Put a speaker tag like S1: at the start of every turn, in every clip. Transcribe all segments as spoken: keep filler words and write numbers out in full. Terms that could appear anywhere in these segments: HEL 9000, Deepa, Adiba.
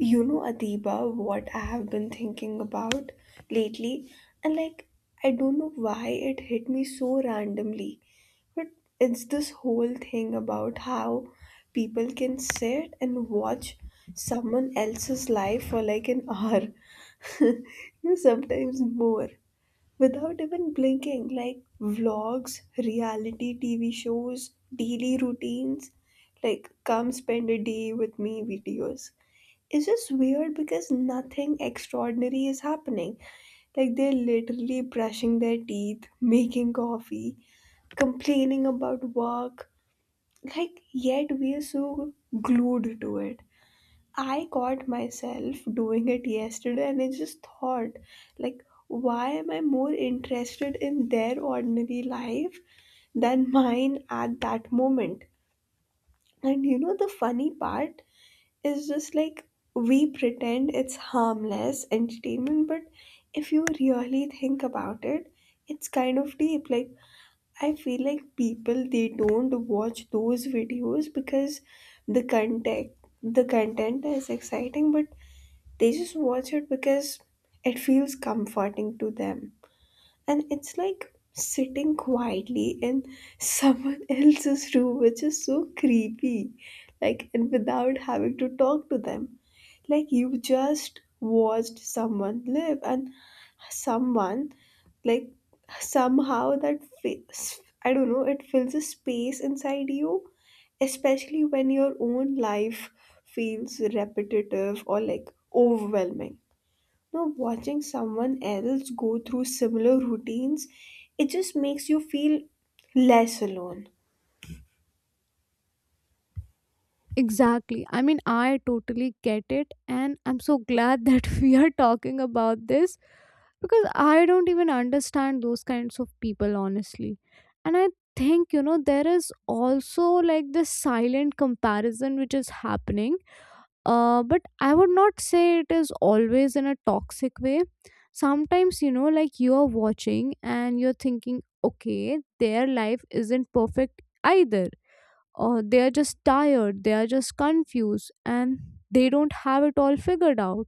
S1: You know, Adiba, what I have been thinking about lately, and like, I don't know why it hit me so randomly, but it's this whole thing about how people can sit and watch someone else's life for like an hour, you know, sometimes more, without even blinking, like vlogs, reality T V shows, daily routines, like, come spend a day with me videos. It's just weird because nothing extraordinary is happening. Like, they're literally brushing their teeth, making coffee, complaining about work. Like, yet we are so glued to it. I caught myself doing it yesterday and I just thought, like, why am I more interested in their ordinary life than mine at that moment? And you know the funny part? Is just like we pretend it's harmless entertainment, but if you really think about it, it's kind of deep. Like, I feel like people, they don't watch those videos because the content the content is exciting, but they just watch it because it feels comforting to them. And it's like sitting quietly in someone else's room, which is so creepy. Like, and without having to talk to them, like, you just watched someone live and someone like somehow that fills, I don't know, it fills a space inside you, especially when your own life feels repetitive or like overwhelming. Now watching someone else go through similar routines, it just makes you feel less alone.
S2: Exactly. I mean, I totally get it, and I'm so glad that we are talking about this because I don't even understand those kinds of people, honestly. And I think, you know, there is also like this silent comparison which is happening, uh, but I would not say it is always in a toxic way. Sometimes, you know, like you're watching and you're thinking, okay, their life isn't perfect either, uh, they are just tired, they are just confused, and they don't have it all figured out.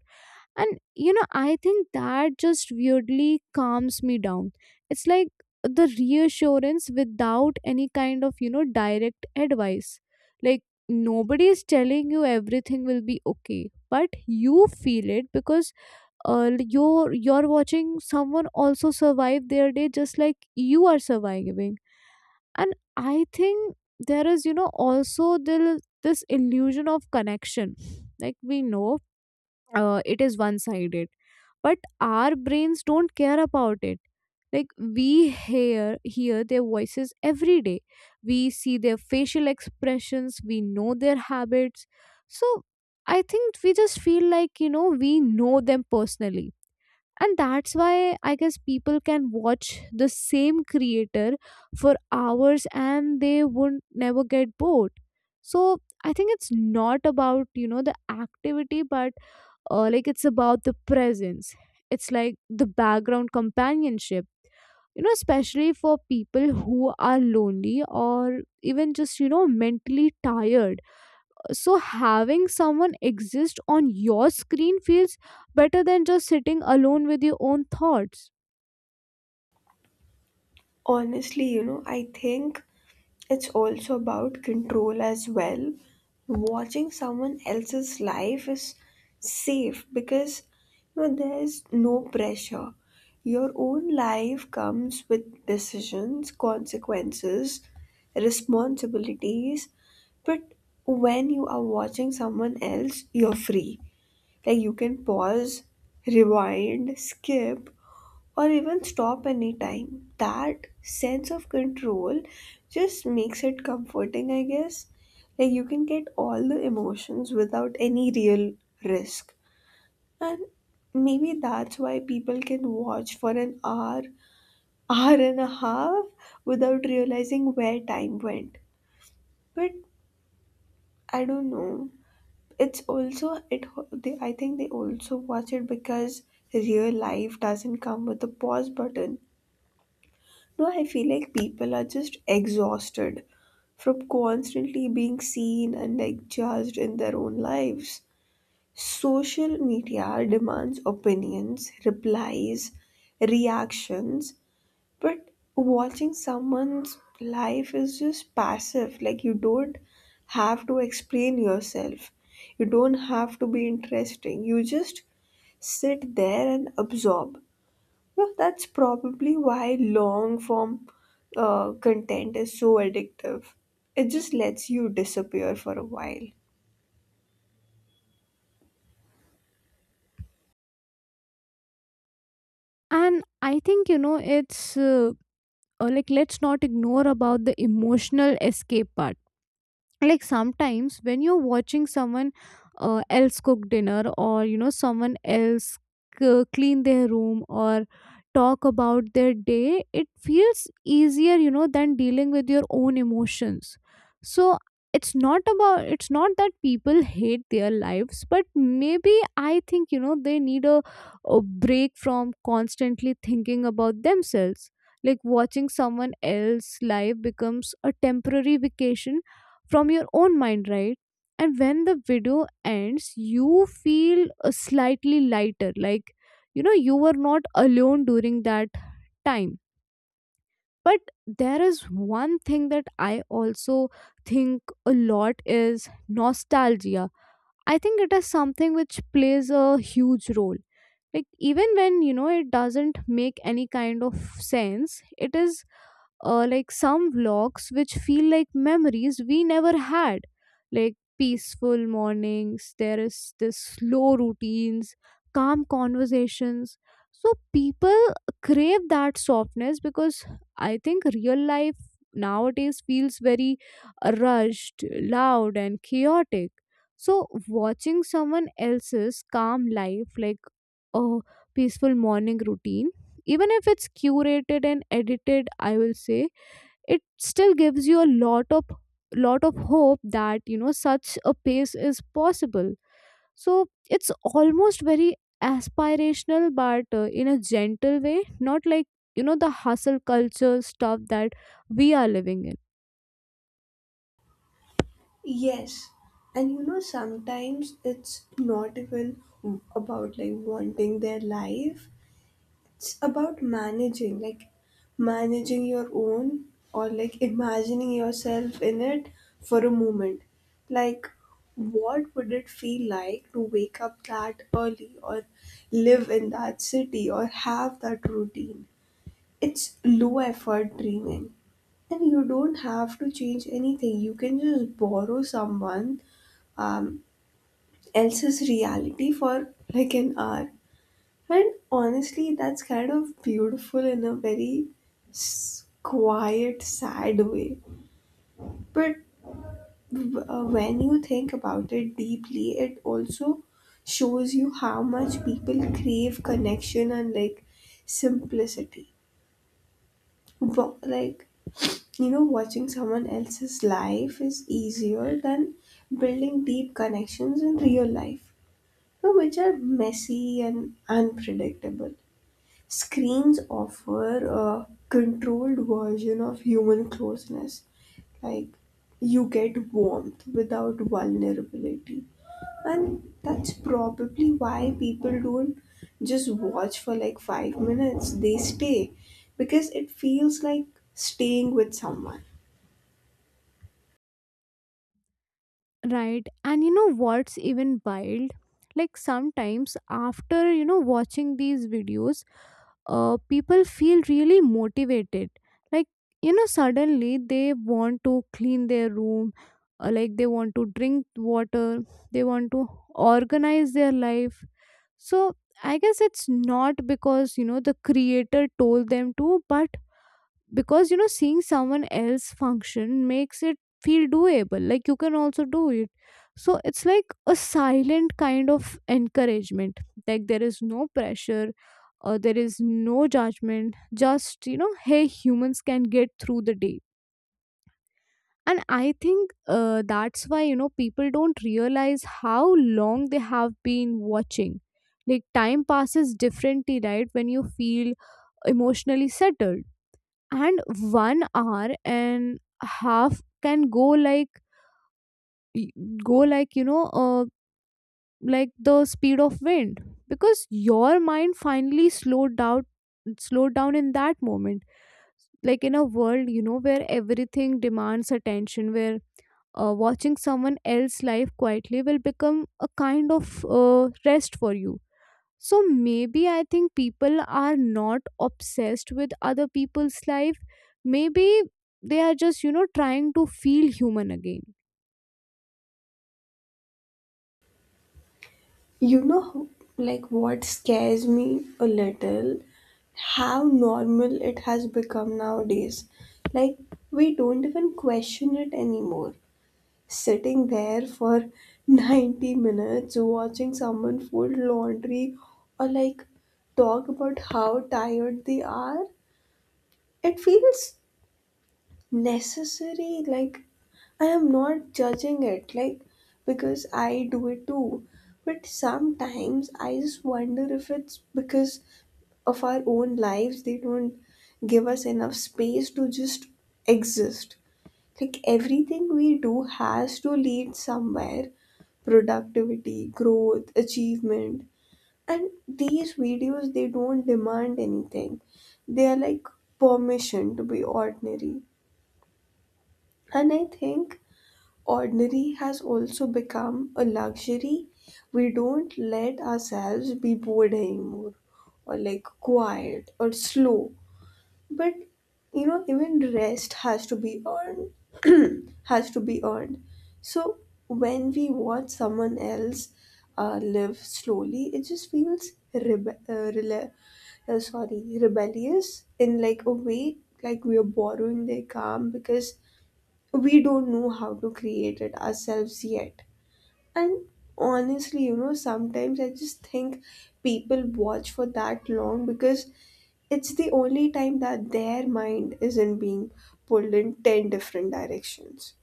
S2: And you know, I think that just weirdly calms me down. It's like the reassurance without any kind of, you know, direct advice. Like nobody is telling you everything will be okay, but you feel it because uh, you're you're watching someone also survive their day, just like you are surviving. And I think there is, you know, also the, this illusion of connection. Like we know, uh, it is one sided, but our brains don't care about it. Like we hear hear their voices every day, we see their facial expressions, we know their habits. So I think we just feel like, you know, we know them personally. And that's why, I guess, people can watch the same creator for hours, and they won't never get bored. So I think it's not about, you know, the activity, but uh, like it's about the presence. It's like the background companionship, you know, especially for people who are lonely or even just, you know, mentally tired. So having someone exist on your screen feels better than just sitting alone with your own thoughts.
S1: Honestly, you know, I think it's also about control as well. Watching someone else's life is safe because you know there's no pressure. Your own life comes with decisions, consequences, responsibilities, but when you are watching someone else, you're free. Like, you can pause, rewind, skip, or even stop anytime. That sense of control just makes it comforting, I guess. Like, you can get all the emotions without any real risk. And maybe that's why people can watch for an hour, hour and a half without realizing where time went. But I don't know. It's also it. They, I think they also watch it because real life doesn't come with a pause button. No, I feel like people are just exhausted from constantly being seen and like judged in their own lives. Social media demands opinions, replies, reactions, but watching someone's life is just passive. Like, you don't have to explain yourself, you don't have to be interesting. You just sit there and absorb. Well, that's probably why long form uh, content is so addictive. It just lets you disappear for a while.
S2: And I think, you know, it's uh, uh, like, let's not ignore about the emotional escape part. Like sometimes when you're watching someone uh, else cook dinner, or, you know, someone else c- clean their room, or talk about their day, it feels easier, you know, than dealing with your own emotions. So it's not about it's not that people hate their lives, but maybe I think, you know, they need a, a break from constantly thinking about themselves. Like watching someone else's life becomes a temporary vacation from your own mind, right? And when the video ends, you feel uh, slightly lighter, like, you know, you were not alone during that time. But there is one thing that I also think a lot is nostalgia. I think it is something which plays a huge role, like even when, you know, it doesn't make any kind of sense. It is uh, like some vlogs which feel like memories we never had, like peaceful mornings, there is this slow routines, calm conversations. So people crave that softness because I think real life nowadays feels very rushed, loud, and chaotic. So watching someone else's calm life, like a peaceful morning routine, even if it's curated and edited, I will say, it still gives you a lot of lot of hope that, you know, such a pace is possible. So it's almost very aspirational, but uh, in a gentle way, not like, you know, the hustle culture stuff that we are living in.
S1: Yes. And you know, sometimes it's not even about like wanting their life, it's about managing like managing your own, or like imagining yourself in it for a moment, like, what would it feel like to wake up that early or live in that city or have that routine? It's low effort dreaming, and you don't have to change anything, you can just borrow someone um, else's reality for like an hour. And honestly, that's kind of beautiful in a very s- quiet, sad way. But w- uh, when you think about it deeply, it also shows you how much people crave connection and like simplicity. Wa- Like, you know, watching someone else's life is easier than building deep connections in real life, you know, which are messy and unpredictable. Screens offer a controlled version of human closeness. Like, you get warmth without vulnerability. And that's probably why people don't just watch for like five minutes, they stay because it feels like staying with someone.
S2: Right. And you know what's even wild? Like sometimes after, you know, watching these videos, uh, people feel really motivated. Like, you know, suddenly they want to clean their room, uh, like they want to drink water, they want to organize their life. So I guess it's not because, you know, the creator told them to, but because, you know, seeing someone else function makes it feel doable, like you can also do it. So it's like a silent kind of encouragement. Like there is no pressure, uh, there is no judgment, just, you know, hey, humans can get through the day. And I think, uh, that's why, you know, people don't realize how long they have been watching. Like time passes differently, right, when you feel emotionally settled. And one hour and half can go like, y- go like, you know, uh, like the speed of wind, because your mind finally slowed down slowed down in that moment. Like in a world, you know, where everything demands attention, where uh, watching someone else's life quietly will become a kind of uh, rest for you. So maybe I think people are not obsessed with other people's life, maybe they are just, you know, trying to feel human again.
S1: You know, how- like, what scares me a little how normal it has become nowadays. Like, we don't even question it anymore. Sitting there for ninety minutes watching someone fold laundry or like talk about how tired they are, it feels necessary. Like, I am not judging it, like, because I do it too. But sometimes I just wonder if it's because of our own lives, they don't give us enough space to just exist. Like, everything we do has to lead somewhere, productivity, growth, achievement. And these videos, they don't demand anything. They are like permission to be ordinary. And I think ordinary has also become a luxury. We don't let ourselves be bored anymore, or like quiet or slow. But you know, even rest has to be earned has to be earned. So when we watch someone else uh, live slowly, it just feels rebe- uh, rela- uh, sorry rebellious in like a way. Like, we are borrowing their calm because we don't know how to create it ourselves yet. And honestly, you know, sometimes I just think people watch for that long because it's the only time that their mind isn't being pulled in ten different directions.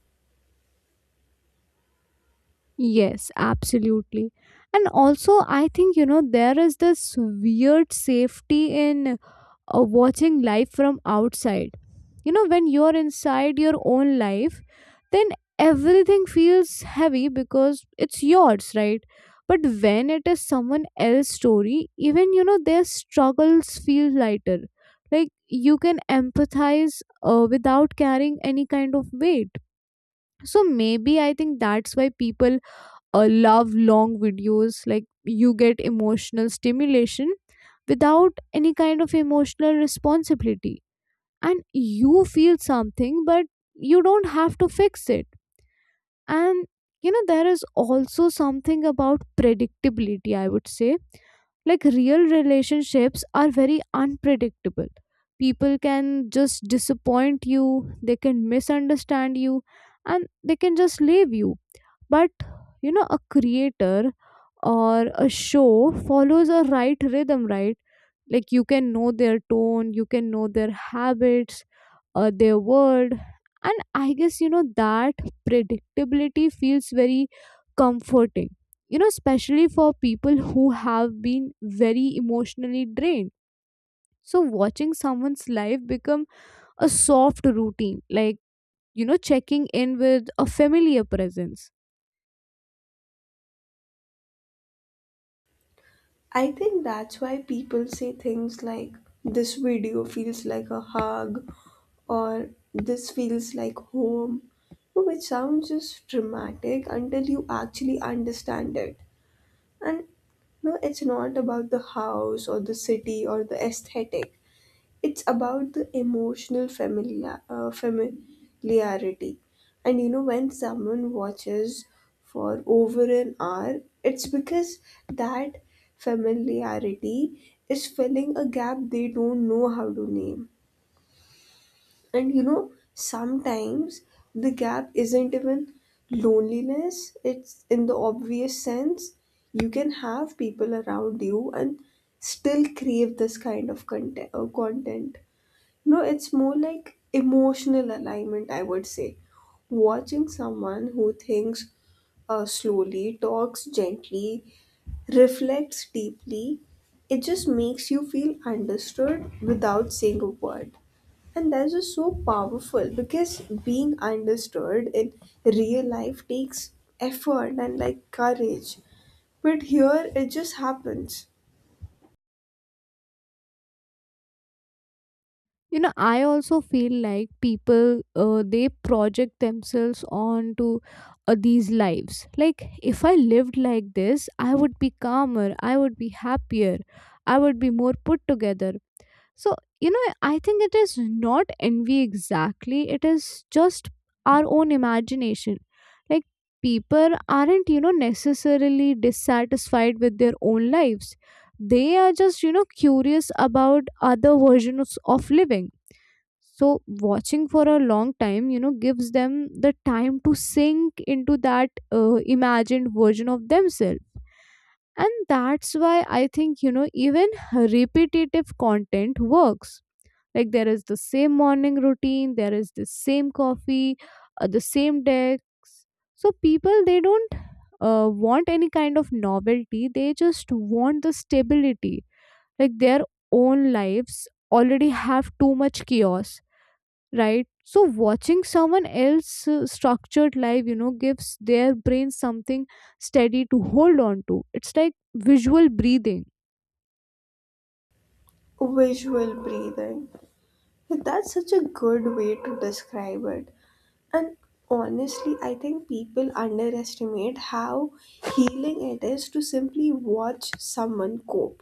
S2: Yes, absolutely. And also I think, you know, there is this weird safety in uh, watching life from outside. You know, when you're inside your own life, then everything feels heavy because it's yours, right? But when it is someone else's story, even, you know, their struggles feel lighter. Like you can empathize uh, without carrying any kind of weight. So maybe I think that's why people uh, love long videos, like you get emotional stimulation without any kind of emotional responsibility, and you feel something but you don't have to fix it. And you know, there is also something about predictability, I would say. Like real relationships are very unpredictable. People can just disappoint you, they can misunderstand you, and they can just leave you. But, you know, a creator or a show follows a right rhythm, right? Like you can know their tone, you can know their habits, uh, their word. And I guess, you know, that predictability feels very comforting, you know, especially for people who have been very emotionally drained. So watching someone's life become a soft routine, like, you know, checking in with a familiar presence.
S1: I think that's why people say things like, this video feels like a hug, or this feels like home, which sounds just dramatic until you actually understand it. And no, it's not about the house or the city or the aesthetic. It's about the emotional familiar, uh, familiarity. And you know, when someone watches for over an hour, it's because that familiarity is filling a gap they don't know how to name. And you know, sometimes the gap isn't even loneliness, it's in the obvious sense. You can have people around you and still crave this kind of content, uh, content. No, it's more like emotional alignment, I would say. Watching someone who thinks uh, slowly, talks gently, reflects deeply, it just makes you feel understood without saying a word. And that's just so powerful because being understood in real life takes effort and like courage. But here it just happens.
S2: You know, I also feel like people, uh, they project themselves onto uh, these lives, like, if I lived like this, I would be calmer, I would be happier, I would be more put together. So, you know, I think it is not envy exactly, it is just our own imagination. Like people aren't, you know, necessarily dissatisfied with their own lives, they are just, you know, curious about other versions of living. So watching for a long time, you know, gives them the time to sink into that uh, imagined version of themselves. And that's why I think, you know, even repetitive content works. Like there is the same morning routine, there is the same coffee, uh, the same decks. So people, they don't uh, want any kind of novelty, they just want the stability. Like their own lives already have too much chaos, right? So watching someone else uh, structured life, you know, gives their brain something steady to hold on to. It's like visual breathing.
S1: Visual breathing. That's such a good way to describe it. And honestly, I think people underestimate how healing it is to simply watch someone cope.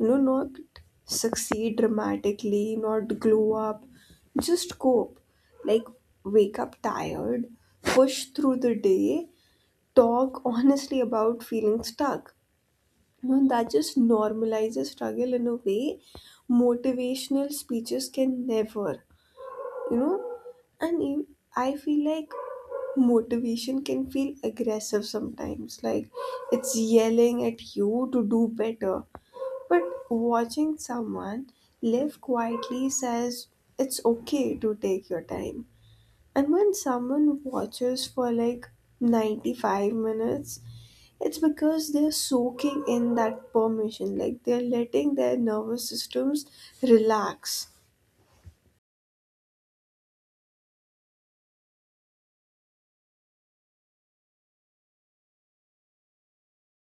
S1: You know, not succeed dramatically, not glow up, just cope. Like, wake up tired, push through the day, talk honestly about feeling stuck. You know, that just normalizes struggle in a way motivational speeches can never, you know. and e- I feel like motivation can feel aggressive sometimes, like, it's yelling at you to do better. But watching someone live quietly says, it's okay to take your time. And when someone watches for like ninety-five minutes, it's because they're soaking in that permission, like they're letting their nervous systems relax.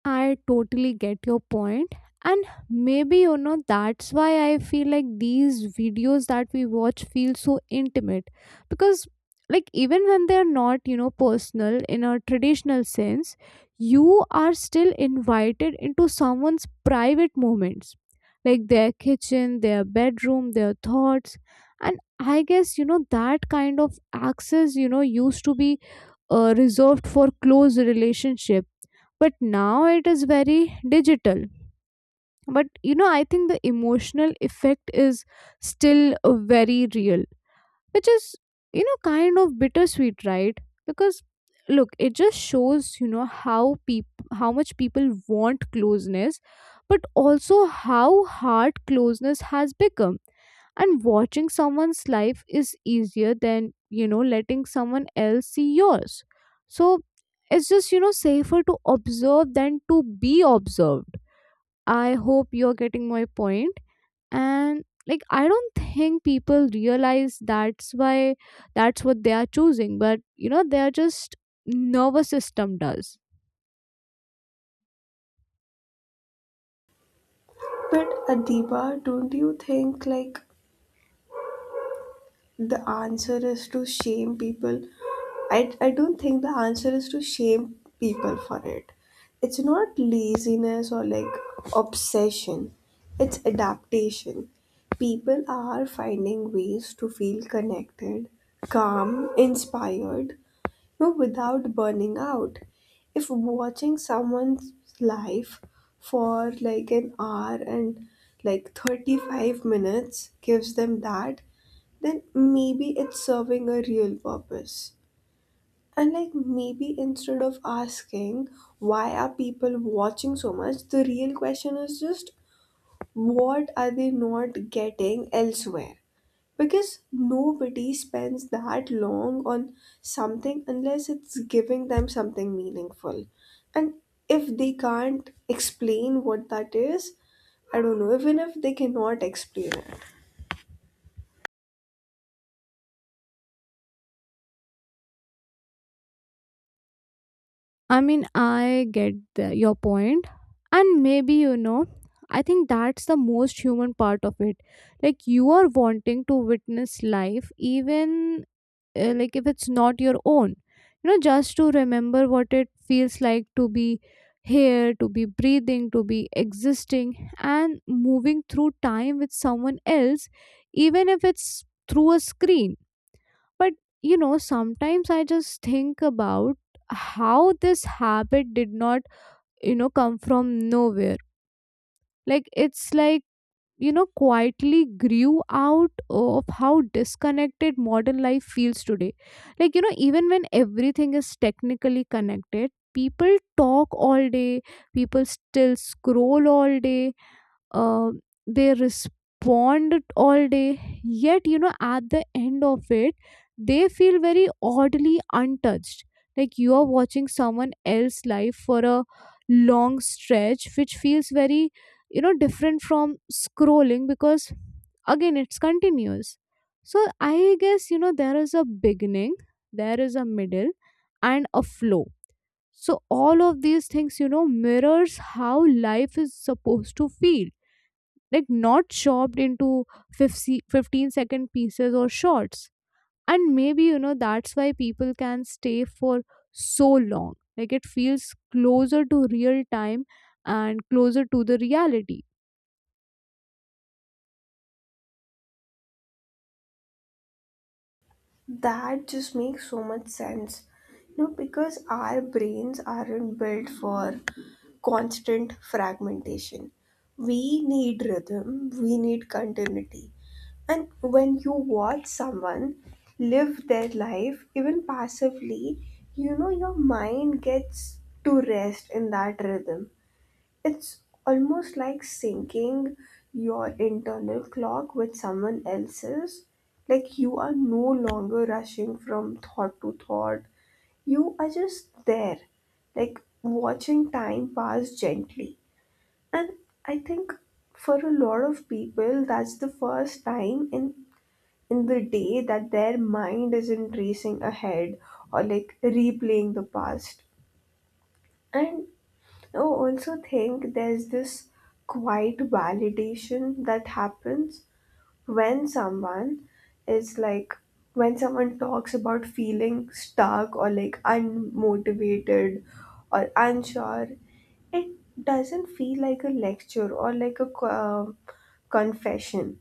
S2: I totally get your point. And maybe, you know, that's why I feel like these videos that we watch feel so intimate. Because, like, even when they're not, you know, personal in a traditional sense, you are still invited into someone's private moments, like their kitchen, their bedroom, their thoughts. And I guess, you know, that kind of access, you know, used to be uh, reserved for close relationships, but now it is very digital. But you know, I think the emotional effect is still uh, very real, which is, you know, kind of bittersweet, right? Because look, it just shows, you know, how peop- how much people want closeness, but also how hard closeness has become. And watching someone's life is easier than, you know, letting someone else see yours. So it's just, you know, safer to observe than to be observed. I hope you're getting my point point. And like, I don't think people realize that's why that's what they are choosing, but you know, they are just, nervous system does.
S1: But Adiba, don't you think like the answer is to shame people? I, I don't think the answer is to shame people for it. It's not laziness or like obsession, it's adaptation. People are finding ways to feel connected, calm, inspired, no, without burning out. If watching someone's life for like an hour and like thirty-five minutes gives them that, then maybe it's serving a real purpose. And like, maybe instead of asking why are people watching so much, the real question is just what are they not getting elsewhere? Because nobody spends that long on something unless it's giving them something meaningful. And if they can't explain what that is, I don't know, even if they cannot explain it.
S2: I mean, I get the, your point. And maybe, you know, I think that's the most human part of it. Like, you are wanting to witness life, even uh, like if it's not your own. You know, just to remember what it feels like to be here, to be breathing, to be existing, and moving through time with someone else, even if it's through a screen. But you know, sometimes I just think about how this habit did not, you know, come from nowhere. Like it's like, you know, quietly grew out of how disconnected modern life feels today. Like, you know, even when everything is technically connected, people talk all day, people still scroll all day, uh, they respond all day, yet, you know at the end of it, they feel very oddly untouched. Like you are watching someone else's life for a long stretch, which feels very, you know different from scrolling because, again, it's continuous. So I guess, you know there is a beginning, there is a middle, and a flow. So all of these things, you know mirrors how life is supposed to feel. Like, not chopped into fifty, fifteen-second pieces or shots. And maybe, you know that's why people can stay for so long. Like, it feels closer to real time and closer to the reality.
S1: That just makes so much sense. You know, because our brains aren't built for constant fragmentation. We need rhythm, we need continuity. And when you watch someone live their life, even passively, you know, your mind gets to rest in that rhythm. It's almost like syncing your internal clock with someone else's. Like, you are no longer rushing from thought to thought, you are just there, like watching time pass gently. And I think for a lot of people, that's the first time in in the day that their mind isn't racing ahead or like replaying the past. And I also think there's this quiet validation that happens when someone is like when someone talks about feeling stuck or like unmotivated or unsure, it doesn't feel like a lecture or like a co- um confession.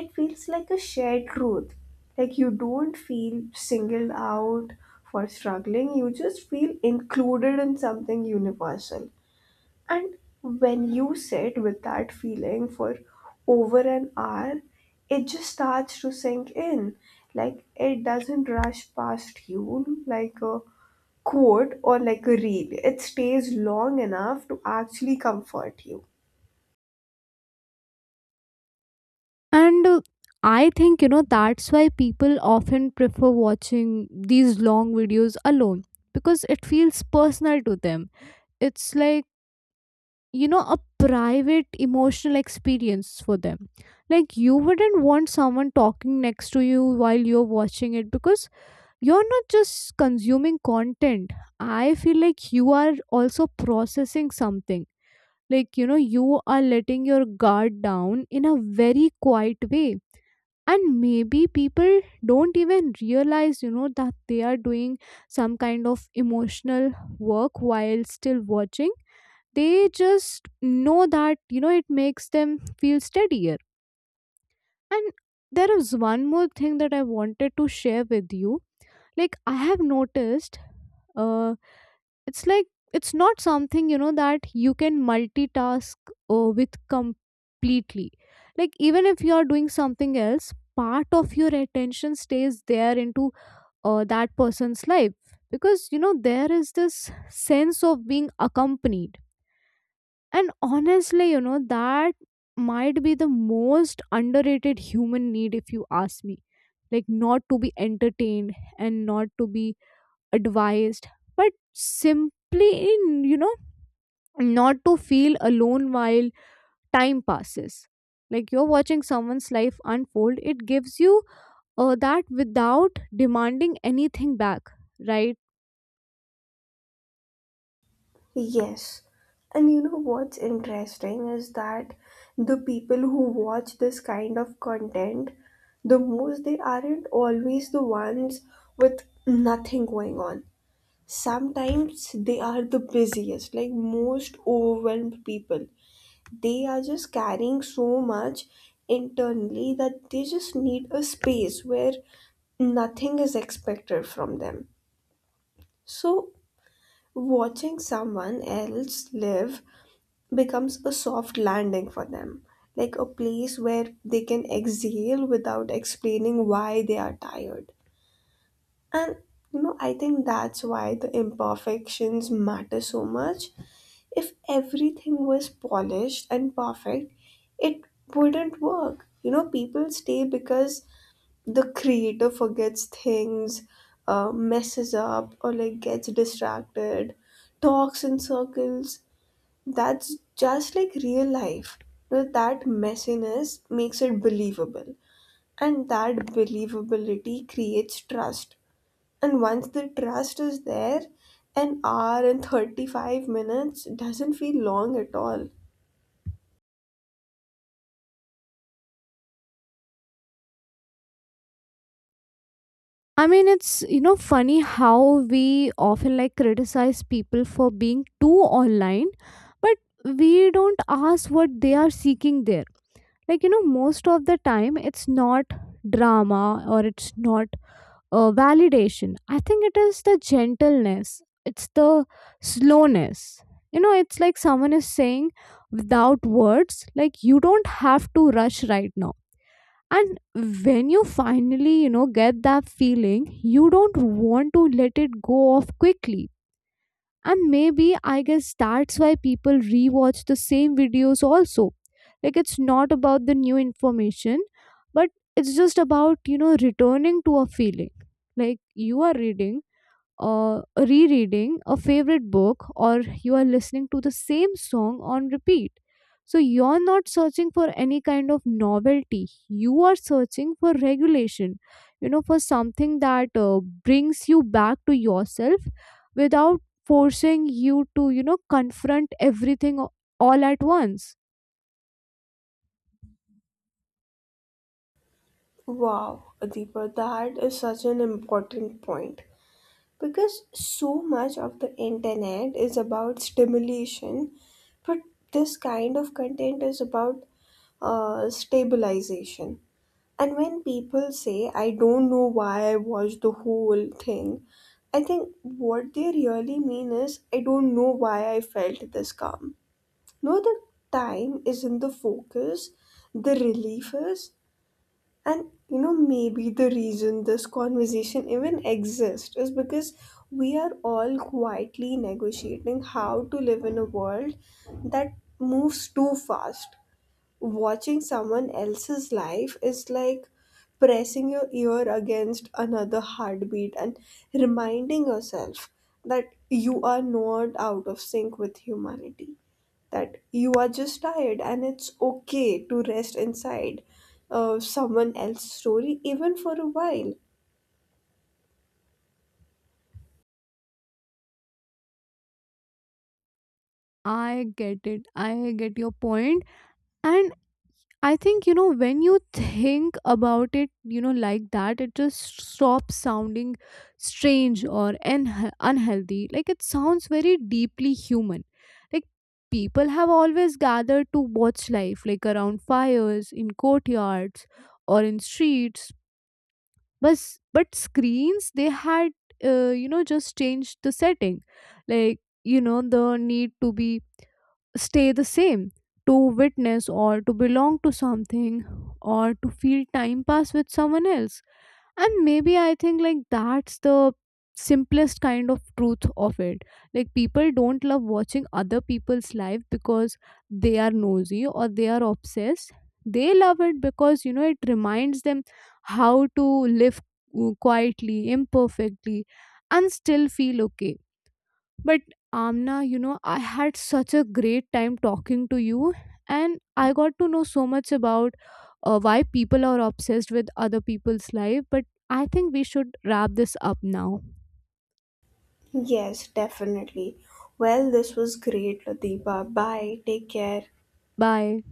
S1: It feels like a shared truth. Like, you don't feel singled out for struggling, you just feel included in something universal. And when you sit with that feeling for over an hour, it just starts to sink in. Like, it doesn't rush past you like a quote or like a reel. It stays long enough to actually comfort you.
S2: And uh, I think, you know that's why people often prefer watching these long videos alone, because it feels personal to them. It's like, you know a private emotional experience for them. Like, you wouldn't want someone talking next to you while you're watching it, because you're not just consuming content. I feel like you are also processing something. Like, you know you are letting your guard down in a very quiet way. And maybe people don't even realize, you know that they are doing some kind of emotional work while still watching. They just know that, you know it makes them feel steadier. And there is one more thing that I wanted to share with you. Like, I have noticed, uh it's like, it's not something, you know that you can multitask uh, with completely. Like, even if you are doing something else, part of your attention stays there into uh, that person's life, because, you know there is this sense of being accompanied. And honestly, you know, that might be the most underrated human need, if you ask me. Like, not to be entertained and not to be advised, but simply, in, you know, not to feel alone while time passes. Like, you're watching someone's life unfold, it gives you uh, that without demanding anything back, right?
S1: Yes. And you know what's interesting is that the people who watch this kind of content the most, they aren't always the ones with nothing going on. Sometimes they are the busiest, like most overwhelmed people. They are just carrying so much internally that they just need a space where nothing is expected from them. So, watching someone else live becomes a soft landing for them, like a place where they can exhale without explaining why they are tired. And you know, I think that's why the imperfections matter so much. If everything was polished and perfect, it wouldn't work. You know, people stay because the creator forgets things, uh, messes up, or like gets distracted, talks in circles. That's just like real life. You know, that messiness makes it believable, and that believability creates trust. And once the trust is there, an hour and thirty-five minutes doesn't feel long at all.
S2: I mean, it's, you know, funny how we often like criticize people for being too online, but we don't ask what they are seeking there. Like, you know, most of the time it's not drama or it's not uh, validation. I think it is the gentleness, it's the slowness. You know, it's like someone is saying without words, like, you don't have to rush right now. And when you finally, you know get that feeling, you don't want to let it go off quickly. And maybe, I guess that's why people rewatch the same videos also. Like, it's not about the new information, but it's just about, you know returning to a feeling. Like, you are reading uh, rereading a favorite book, or you are listening to the same song on repeat. So you're not searching for any kind of novelty. You are searching for regulation, you know, for something that uh, brings you back to yourself without forcing you to, you know, confront everything a- all at once.
S1: Wow, Deepa, that is such an important point. Because so much of the internet is about stimulation, but this kind of content is about uh, stabilization. And when people say, I don't know why I watched the whole thing, I think what they really mean is, I don't know why I felt this calm. No, the time is not the focus, the relievers, and you know, maybe the reason this conversation even exists is because we are all quietly negotiating how to live in a world that moves too fast. Watching someone else's life is like pressing your ear against another heartbeat and reminding yourself that you are not out of sync with humanity, that you are just tired and it's okay to rest inside uh, someone else's story even for a while.
S2: I get it. I get your point. And I think, you know, when you think about it, you know, like that, it just stops sounding strange or un- unhealthy. Like, it sounds very deeply human. Like, people have always gathered to watch life, like around fires, in courtyards, or in streets. But, but screens, they had, uh, you know, just changed the setting. Like, you know, the need to be stay the same, to witness, or to belong to something, or to feel time pass with someone else. And maybe I think, like, that's the simplest kind of truth of it. Like, people don't love watching other people's life because they are nosy or they are obsessed. They love it because, you know, it reminds them how to live, uh, quietly, imperfectly, and still feel okay. But Amna, you know, I had such a great time talking to you, and I got to know so much about uh, why people are obsessed with other people's life. But I think we should wrap this up now.
S1: Yes, definitely. Well, this was great, ladiba, bye, take care.
S2: Bye.